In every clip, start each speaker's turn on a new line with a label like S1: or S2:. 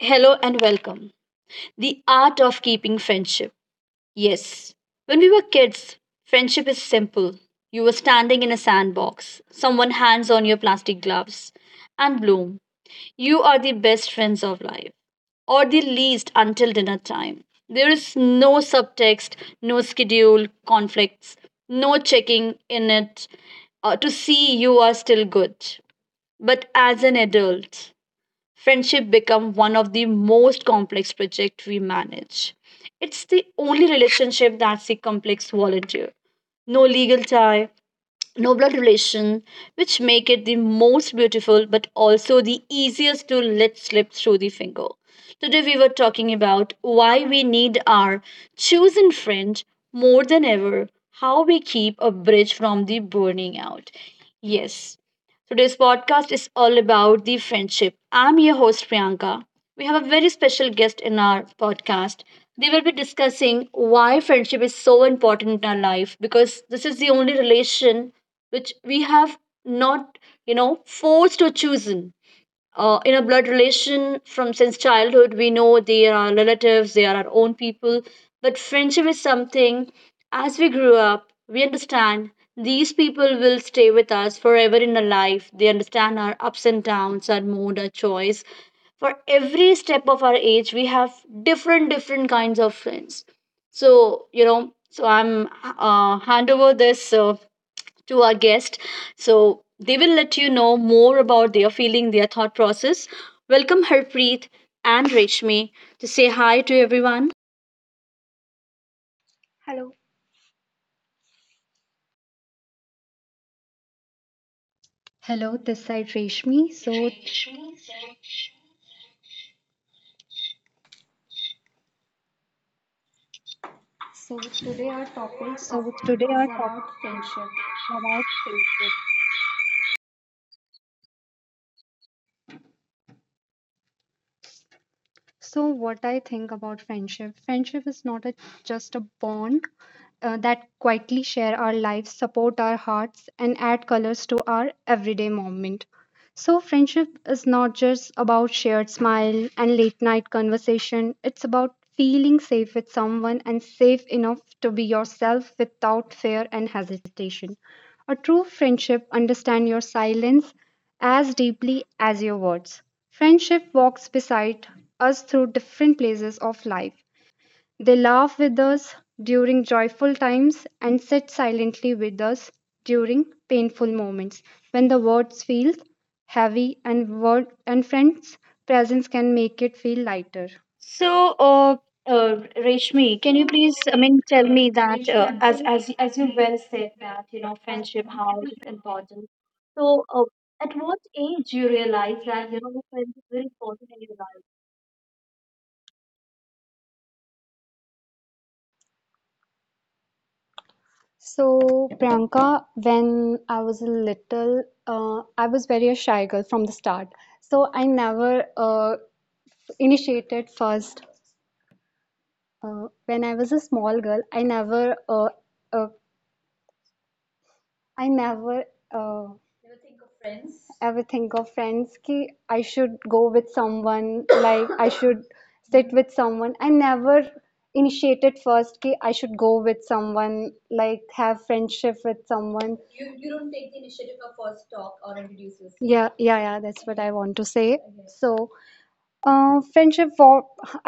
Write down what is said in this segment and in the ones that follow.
S1: Hello and welcome. The art of keeping friendship. Yes. When we were kids, friendship is simple. You were standing in a sandbox, someone hands on your plastic gloves, and bloom. You are the best friends of life, or the least until dinner time. There is no subtext, no schedule, conflicts, no checking in it to see you are still good. But as an adult, friendship become one of the most complex project we manage. It's the only relationship that's a complex volunteer, no legal tie, no blood relation, which make it the most beautiful but also the easiest to let slip through the finger. Today we were talking about why we need our chosen friend more than ever, how we keep a bridge from the burning out. Yes, today's podcast is all about the friendship. I'm your host Priyanka. We have a very special guest in our podcast. They will be discussing why friendship is so important in our life because this is the only relation which we have not forced or chosen in a blood relation. From since childhood we know they are our relatives, they are our own people. But friendship is something as we grew up we understand these people will stay with us forever in our life. They understand our ups and downs, our mood, our choice. For every step of our age we have different different kinds of friends. So I'm hand over this to our guest. So they will let you know more about their feeling, their thought process. Welcome Harpreet and Reshmi to say hi to everyone.
S2: Hello.
S3: Hello, this side Reshmi. So,
S2: So today our topic
S3: so today
S2: is,
S3: our topic
S2: about friendship.
S3: about friendship. So, what I think about friendship, friendship is not just a bond that quietly share our lives, support our hearts, and add colors to our everyday moment. So, friendship is not just about shared smile and late night conversation, it's about feeling safe with someone and safe enough to be yourself without fear and hesitation. A true friendship understands your silence as deeply as your words. Friendship walks beside us through different places of life. They laugh with us during joyful times and sit silently with us during painful moments when the words feel heavy and word and friends presence can make it feel lighter.
S1: So, Reshmi, can you please, I mean, tell me that as you well said that friendship how it is important? So, at what age you realize that friendship is very important in your life?
S2: So Priyanka, when I was a little, I was very a shy girl from the start. So I never initiated first. When I was a small girl, uh, I never uh, Never think of friends. Ever think of friends ki I should go with someone, like I should sit with someone. I never initiated first ki I should go with someone, like have friendship with someone. You don't take the initiative of first talk or introduce yourself. Yeah, yeah, yeah, that's what I want to say. Okay. So, friendship for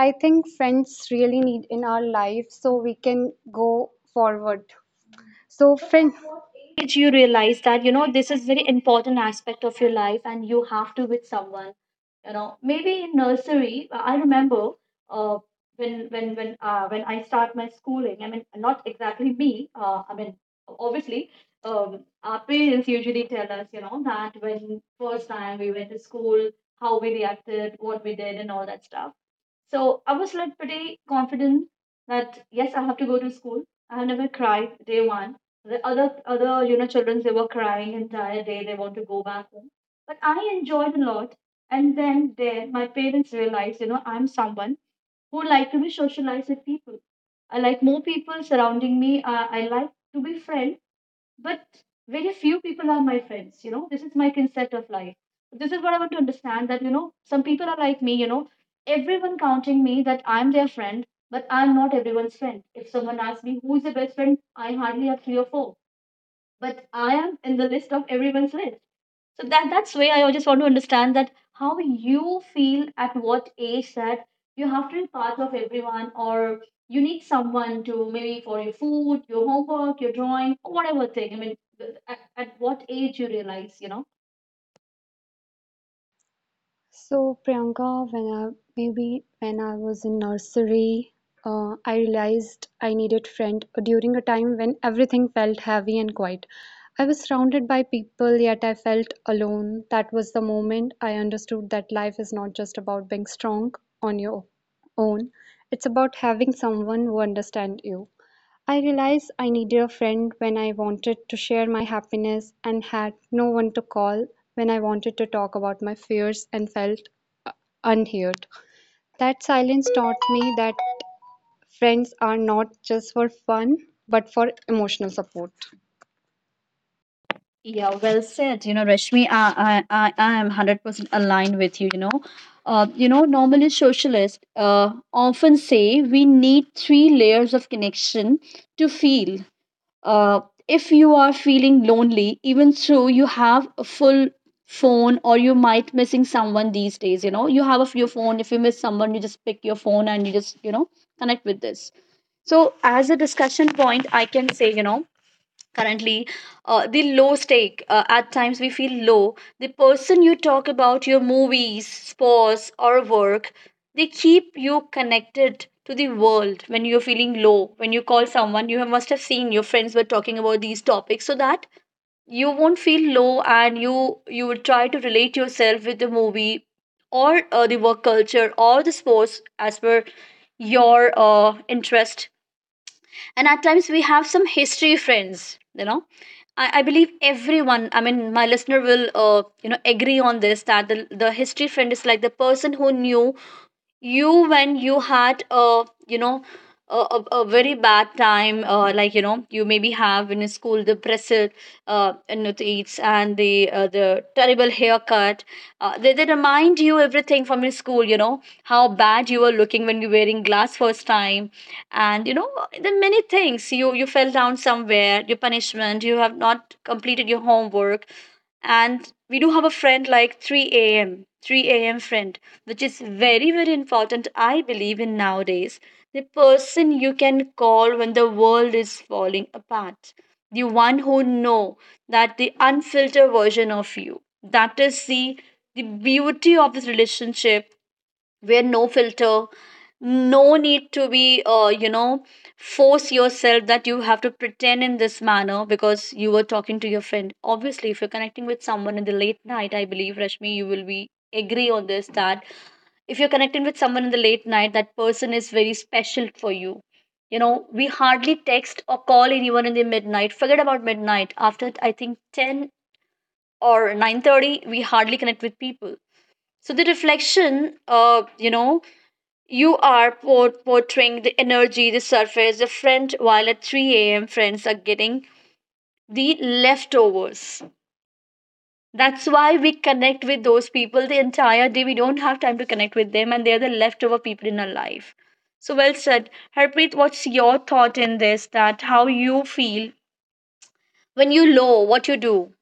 S2: I think friends really need in our life so we can go forward. So, But friend, at what age
S1: Age
S2: you
S1: you realize that you know this is very important aspect of your life and you have to with someone you know maybe in nursery. I remember uh, when I start my schooling, I mean, not exactly me, I mean, obviously um, our parents usually tell us you know that when first time we went to school how we reacted, what we did and all that stuff. So I was like pretty confident that yes, I have to go to school. I have never cried day one. The other children, they were crying entire day. They want to go back home, but I enjoyed a lot. And then there, my parents realized you know I'm someone who like to be socialized with people. I like more people surrounding me. I like to be friend but very few people are my friends. You know, this is my concept of life. This is what I want to understand that some people are like me. You know, everyone counting me that I'm their friend but I'm not everyone's friend. If someone asks me who is the best friend, I hardly have three or four, but I am in the list of everyone's list. So that's where I just want to understand that how you feel at what age that you have to be part of everyone or you need someone to maybe for your food, your homework, your drawing, or whatever thing. I mean, at what age you realize, you know?
S2: So Priyanka, when I maybe when I was in nursery, I realized I needed friend during a time when everything felt heavy and quiet. I was surrounded by people, yet I felt alone. That was the moment I understood that life is not just about being strong on your own. It's about having someone who understands you. I realized I needed a friend when I wanted to share my happiness and had no one to call when I wanted to talk about my fears and felt uh, unheard. That silence taught me that friends are not just for fun, but for emotional support.
S1: Yeah, well said. You know, Rashmi, I am 100% aligned with you, you know. Normally socialists often say we need three layers of connection to feel. uh, if you are feeling lonely even though you have a full phone or you might missing someone these days, you know you have a your phone. If you miss someone you just pick your phone and you just connect with this. So as a discussion point, I can say currently, the low stake, at times we feel low, the person you talk about your movies, sports or work, they keep you connected to the world. When you're feeling low, when you call someone, you must have seen your friends were talking about these topics so that you won't feel low and you will try to relate yourself with the movie or the work culture or the sports as per your interest. And at times we have some history friends. You know, I believe everyone, I mean, my listener will agree on this that the history friend is like the person who knew you when you had a, a very bad time, like you know you maybe have in school the pressure, in the teeth and the, the terrible haircut. They remind you everything from your school. You know how bad you were looking when you were wearing glass first time, and you know the many things. You fell down somewhere, your punishment, you have not completed your homework. And we do have a friend like 3 a.m, 3 a.m friend which is very, very important, I believe, in nowadays. The person you can call when the world is falling apart. The one who know that the unfiltered version of you. That is the beauty of this relationship where no filter, no need to be, force yourself that you have to pretend in this manner because you were talking to your friend. Obviously, if you're connecting with someone in the late night, I believe, Rashmi, you will be agree on this that if you're connecting with someone in the late night, that person is very special for you. You know, we hardly text or call anyone in the midnight. Forget about midnight. After I think 10 or 9:30, we hardly connect with people. So the reflection, you are portraying the energy, the surface, the friend, while at 3 a.m. friends are getting the leftovers. That's why we connect with those people the entire day. We don't have time to connect with them, and they're the leftover people in our life. So well said. Harpreet, what's your thought in this? That how you feel when you low, what you do?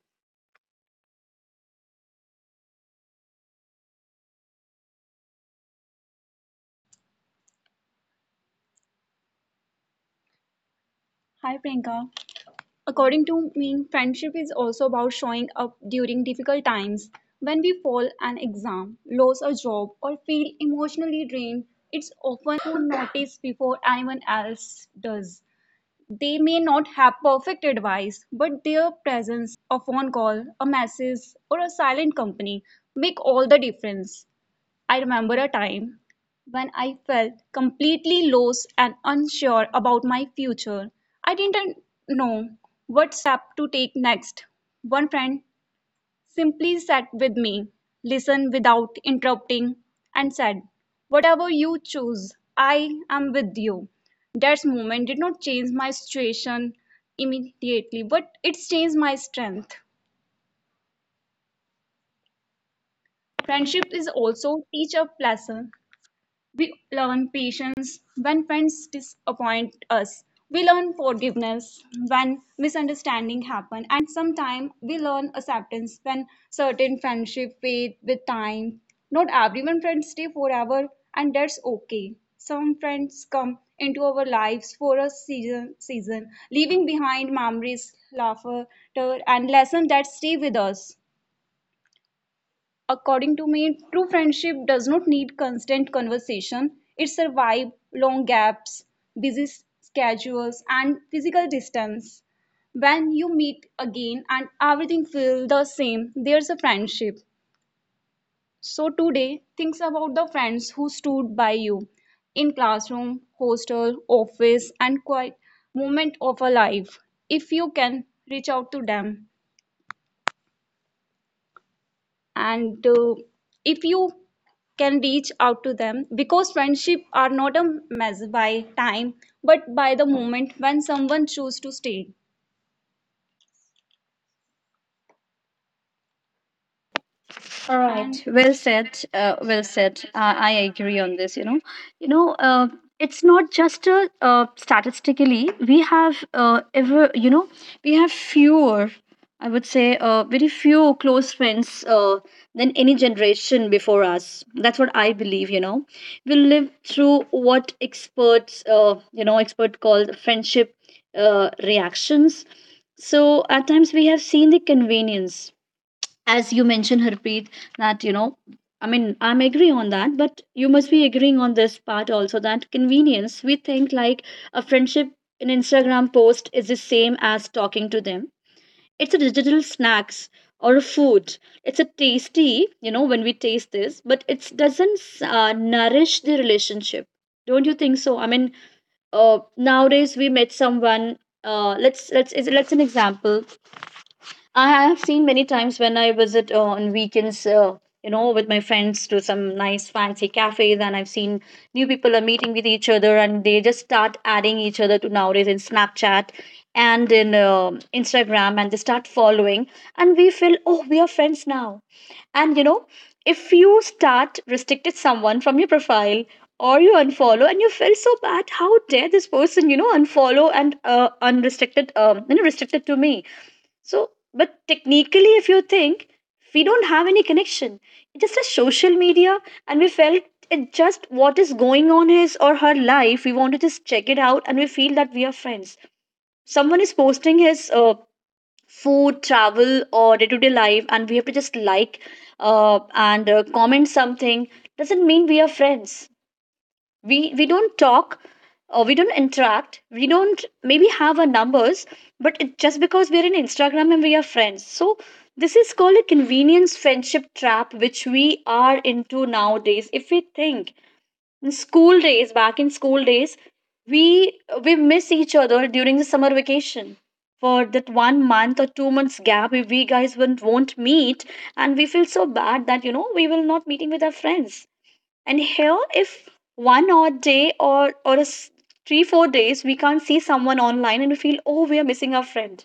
S2: Hi, Priyanka. According to me, friendship is also about showing up during difficult times. When we fall an exam, lose a job, or feel emotionally drained, it's often a friend who notices before anyone else does. They may not have perfect advice, but their presence, a phone call, a message, or a silent company make all the difference. I remember a time when I felt completely lost and unsure about my future. I didn't know what step to take next. One friend simply sat with me, listened without interrupting, and said, whatever you choose, I am with you. That moment did not change my situation immediately, but it changed my strength. Friendship is also teach a lesson. We learn patience when friends disappoint us. We learn forgiveness when misunderstanding happen, and sometimes we learn acceptance when certain friendship fade with time. Not everyone friends stay forever, and that's okay. Some friends come into our lives for a season, leaving behind memories, laughter and lessons that stay with us. According to me, true friendship does not need constant conversation. It survives long gaps, busy schedules, and physical distance. When you meet again and everything feels the same, there's a friendship. So today, think about the friends who stood by you in classroom, hostel, office, and quiet moment of a life. If you can reach out to them, and if you can reach out to them because friendship are not a measure by time but by the moment when someone choose to stay
S1: All
S2: and.
S1: right. Well said. Well said. I agree on this. You know, uh, it's not just statistically. We have ever, we have fewer. I would say very few close friends than any generation before us. That's what I believe. We live through what experts, expert call friendship reactions. So at times we have seen the convenience as you mentioned, Harpreet, that you know I mean I'm agree on that, but you must be agreeing on this part also that convenience we think like a friendship in Instagram post is the same as talking to them. It's a digital snacks or a food. It's a tasty you know when we taste this but it doesn't nourish the relationship, don't you think so? I mean uh, nowadays we met someone, let's an example. I have seen many times when I visit on weekends, with my friends to some nice fancy cafes, and I've seen new people are meeting with each other, and they just start adding each other to nowadays in Snapchat and in Instagram, and they start following, and we feel, oh, we are friends now. And you know, if you start restricted someone from your profile or you unfollow, and you feel so bad, how dare this person, you know, unfollow and unrestricted, restricted to me so, but technically, if you think, we don't have any connection. It's just a social media, and we felt it just what is going on his or her life. We want to just check it out, and we feel that we are friends. Someone is posting his food, travel, or day to day life, and we have to just like and comment something. Doesn't mean we are friends. We don't talk or we don't interact, we don't maybe have our numbers, but it, just because we're in Instagram and we are friends. So this is called a convenience friendship trap which we are into nowadays. If we think, in school days, back in school days, we we miss each other during the summer vacation. For that 1 month or 2 months gap, we guys won't meet and we feel so bad that you know we will not meeting with our friends. And here, if one odd day or 3-4 days we can't see someone online and we feel, oh, we are missing our friend.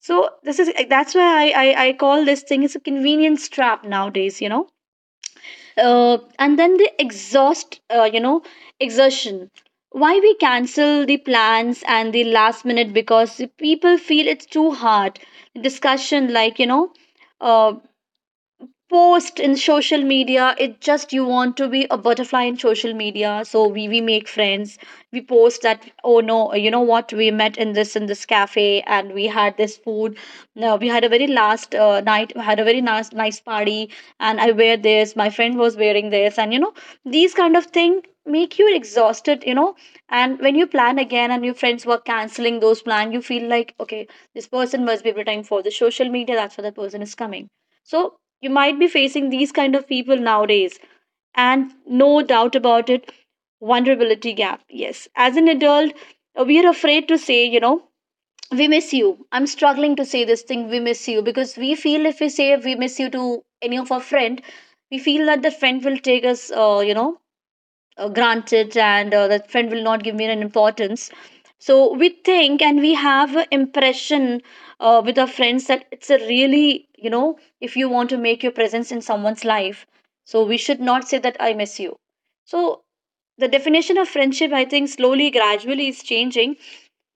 S1: So this is like, that's why I call this thing is a convenience trap nowadays. You know, and then the exhaust you know, exertion. Why we cancel the plans and the last minute because the people feel it's too hard. Discussion like, you know. Uh, Post in social media, it just you want to be a butterfly in social media, so we make friends, we post that, oh no, you know what, we met in this, in this cafe and we had this food. No, we had a very last night, we had a very nice nice party, and I wear this, my friend was wearing this. And you know, these kind of thing make you exhausted, you know, and when you plan again and your friends were canceling those plans, you feel like, okay, this person must be preparing for the social media, that's why the person is coming. So you might be facing these kind of people nowadays, and no doubt about it, vulnerability gap, yes. As an adult, we are afraid to say, you know, we miss you. I'm struggling to say this thing, we miss you, because we feel if we say we miss you to any of our friend, we feel that the friend will take us, you know, grants it, and that friend will not give me an importance. So we think, and we have an impression with our friends, that it's a really, you know, if you want to make your presence in someone's life, so we should not say that I miss you. So the definition of friendship, I think, slowly, gradually is changing.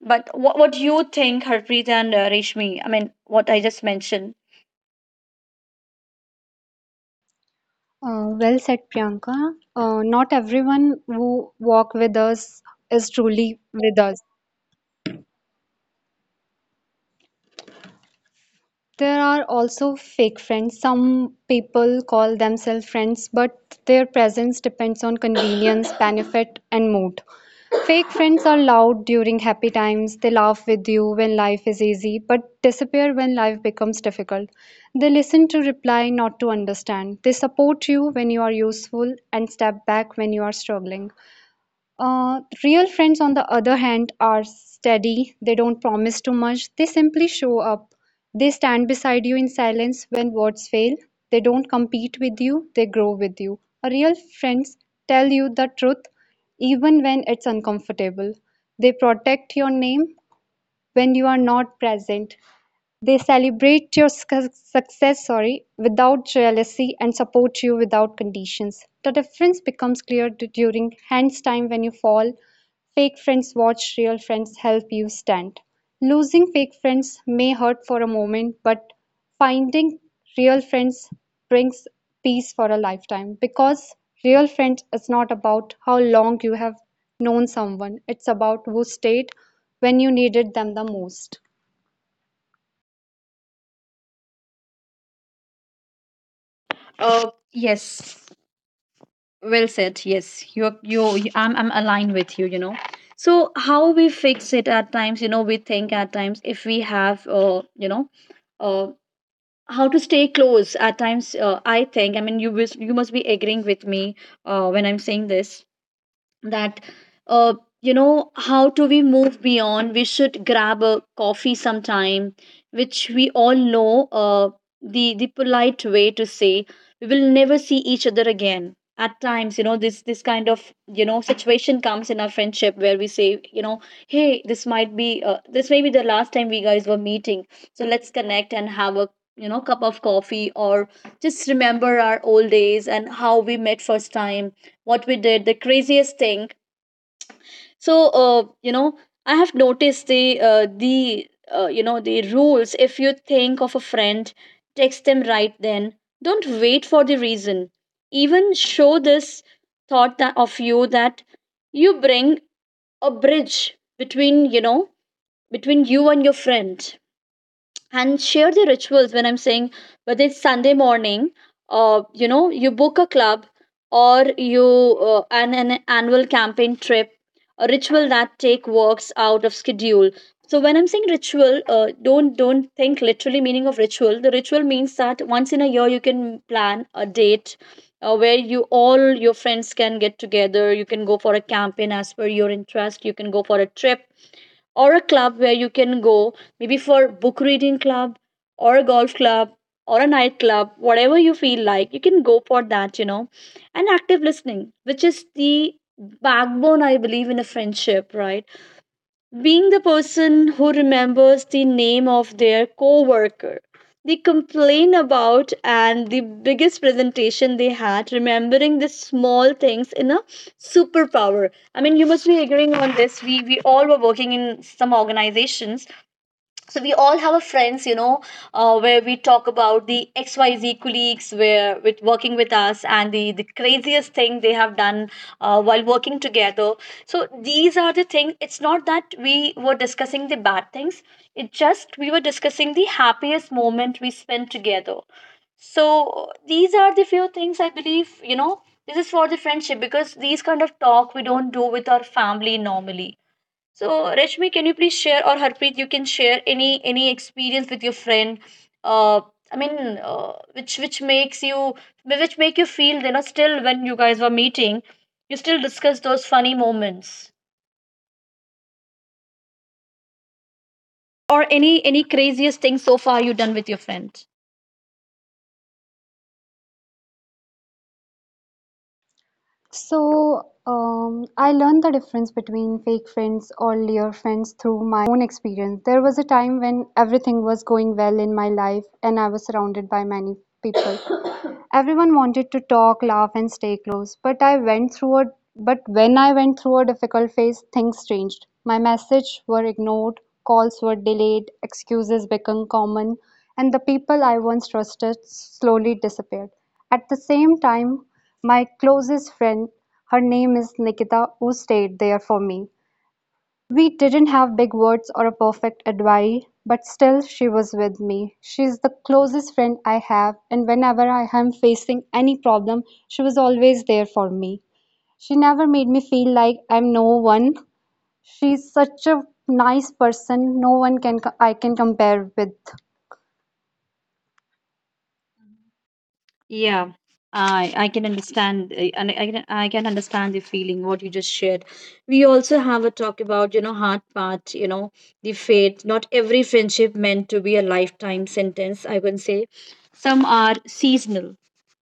S1: But what do you think, Harpreet, and Reshmi, I mean, what I just mentioned.
S2: Well said, Priyanka. Not everyone who walk with us is truly with us. There are also fake friends. Some people call themselves friends, but their presence depends on convenience, benefit, and mood. Fake friends are loud during happy times. They laugh with you when life is easy, but disappear when life becomes difficult. They listen to reply, not to understand. They support you when you are useful and step back when you are struggling. Real friends, on the other hand, are steady. They don't promise too much. They simply show up. They stand beside you in silence when words fail. They don't compete with you, they grow with you. A real friends tell you the truth even when it's uncomfortable. They protect your name when you are not present. They celebrate your without jealousy and support you without conditions. The difference becomes clear during hands time when you fall. Fake friends watch, real friends help you stand. Losing fake friends may hurt for a moment, but finding real friends brings peace for a lifetime because real friends is not about how long you have known someone, it's about who stayed when you needed them the most.
S1: Uh, yes. Well said. Yes, you, I'm aligned with you. You know, so how we fix it at times. You know, we think at times, if we have, you know, uh, how to stay close. At times, I think. I mean, you, you must be agreeing with me when I'm saying this, that uh, you know, how do we move beyond? We should grab a coffee sometime, which we all know, the polite way to say we will never see each other again at times. You know, this kind of, you know, situation comes in our friendship where we say, you know, hey, this might be this may be the last time we guys were meeting, so let's connect and have a, you know, cup of coffee or just remember our old days, and how we met first time, what we did, the craziest thing. So, you know, I have noticed the you know, the rules. If you think of a friend, text them right then. Don't wait for the reason. Even show this thought that of you, that you bring a bridge between, you know, between you and your friend, and share the rituals. When I'm saying, whether it's Sunday morning, you know, you book a club or you an annual campaign trip, a ritual that take works out of schedule. So when I'm saying ritual, don't think literally meaning of ritual. The ritual means that once in a year you can plan a date where you all your friends can get together. You can go for a campaign as per your interest. You can go for a trip or a club, where you can go maybe for book reading club or a golf club or a nightclub, whatever you feel like, you can go for that. You know, and active listening, which is the backbone, I believe, in a friendship, right? Being the person who remembers the name of their coworker they complain about and the biggest presentation they had, remembering the small things in a superpower. I mean, you must be agreeing on this. We all were working in some organizations, so we all have a friends, you know, where we talk about the XYZ colleagues where with working with us, and the craziest thing they have done while working together. So these are the things, it's not that we were discussing the bad things, it just we were discussing the happiest moment we spent together. So these are the few things I believe, you know, this is for the friendship, because these kind of talk we don't do with our family normally. So, Rashmi, can you please share, or Harpreet, you can share any experience with your friend? Uh, I mean, uh, which makes you, which make you feel, you know, still when you guys were meeting, you still discuss those funny moments or any craziest thing so far you done with your friend?
S2: So, I learned the difference between fake friends or real friends through my own experience. There was a time when everything was going well in my life and I was surrounded by many people. Everyone wanted to talk, laugh, and stay close, but when I went through a difficult phase, things changed. My messages were ignored, calls were delayed, excuses became common, and the people I once trusted slowly disappeared. At the same time, my closest friend, her name is Nikita, who stayed there for me. We didn't have big words or a perfect advice, but still she was with me. She's the closest friend I have, and whenever I am facing any problem, she was always there for me. She never made me feel like I'm no one. She's such a nice person, no one can I can compare with.
S1: Yeah, I can understand, and I can understand the feeling what you just shared. We also have a talk about, you know, hard part, you know, the fate. Not every friendship meant to be a lifetime sentence. I can say some are seasonal.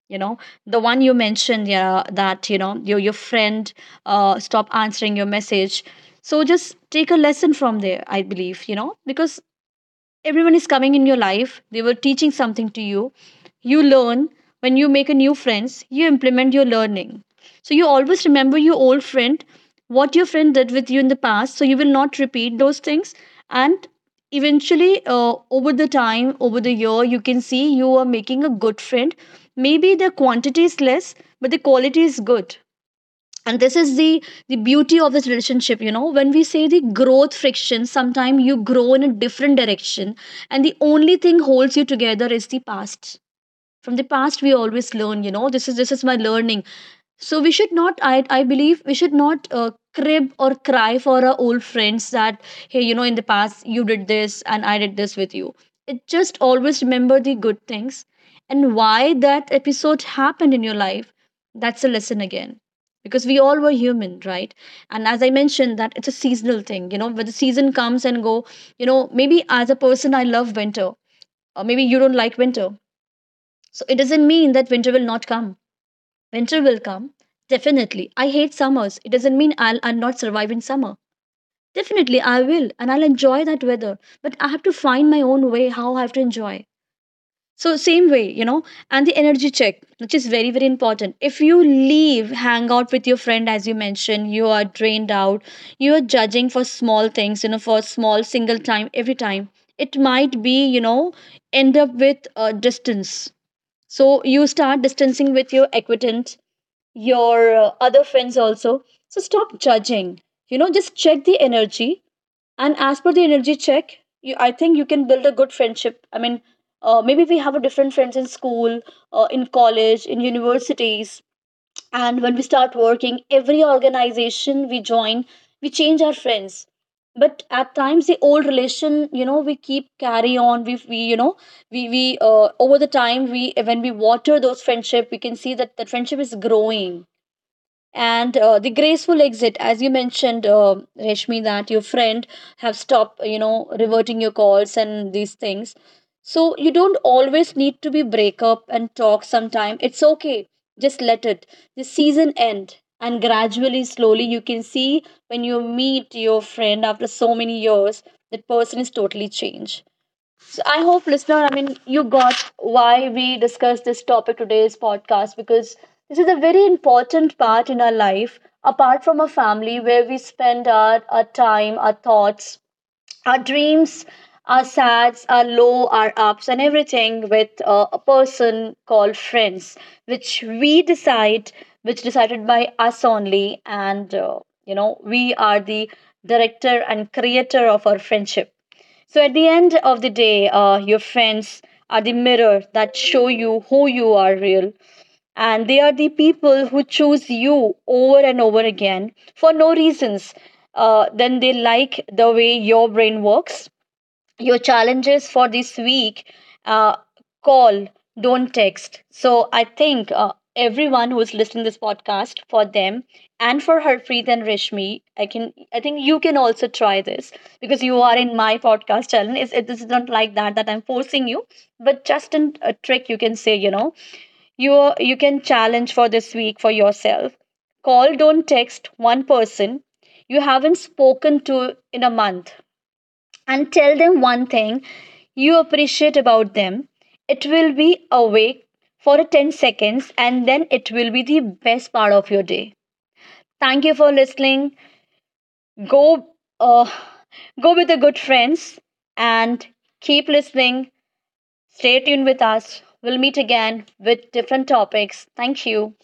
S1: You know, the one you mentioned, yeah, that, you know, your friend, uh, stop answering your message. So just take a lesson from there, I believe. You know, because everyone is coming in your life, they were teaching something to you. You learn, when you make a new friends, you implement your learning, so you always remember your old friend, what your friend did with you in the past, so you will not repeat those things. And eventually, over the time, over the year, you can see you are making a good friend, maybe the quantity is less, but the quality is good, and this is the beauty of this relationship. You know, when we say the growth friction, sometimes you grow in a different direction, and the only thing holds you together is the past. From the past, we always learn, you know, this is, this is my learning. So we should not, I believe, we should not crib or cry for our old friends, that, hey, you know, in the past you did this and I did this with you. It just always remember the good things and why that episode happened in your life, that's a lesson again, because we all were human, right? And as I mentioned, that it's a seasonal thing, you know, where the season comes and go. You know, maybe as a person, I love winter, or maybe you don't like winter, so it doesn't mean that winter will not come. Winter will come. Definitely. I hate summers. It doesn't mean I'll not survive in summer. Definitely, I will, and I'll enjoy that weather. But I have to find my own way, how I have to enjoy. So, same way, you know, and the energy check, which is very, very important. If you leave, hang out with your friend, as you mentioned, you are drained out, you are judging for small things, you know, for small single time, every time. It might be, you know, end up with distance. So you start distancing with your equitant, your other friends also. So stop judging. You know, just check the energy, and as per the energy check, you, I think, you can build a good friendship. I mean, maybe we have a different friends in school, in college, in universities, and when we start working, every organization we join, we change our friends. But at times, the old relation, you know, we keep carry on. We you know, we over the time, we when we water those friendship, we can see that that friendship is growing. And the graceful exit, as you mentioned, Reshmi, that your friend have stopped, you know, reverting your calls and these things, so you don't always need to be break up and talk sometime. It's okay, just let it, the season end, and gradually, slowly, you can see when you meet your friend after so many years, that person is totally changed. So I hope, listener, I mean, you got why we discussed this topic today's podcast, because this is a very important part in our life, apart from a family, where we spend our time, our thoughts, our dreams, our sads, our low, our ups, and everything with a person called friends, which we decide, which decided by us only, and you know, we are the director and creator of our friendship. So at the end of the day, your friends are the mirror that show you who you are real, and they are the people who choose you over and over again for no reasons. Then they like the way your brain works. Your challenges for this week, uh, call, don't text. So I think everyone who's listening this podcast, for them and for Harpreet and Rishmi, I think you can also try this, because you are in my podcast challenge. It's, it is not like that that I'm forcing you, but just a trick you can say, you know, you you can challenge for this week for yourself. Call, don't text one person you haven't spoken to in a month, and tell them one thing you appreciate about them. It will be awake for 10 seconds, and then it will be the best part of your day. Thank you for listening. Go, uh, go with the good friends and keep listening. Stay tuned with us. We'll meet again with different topics. Thank you.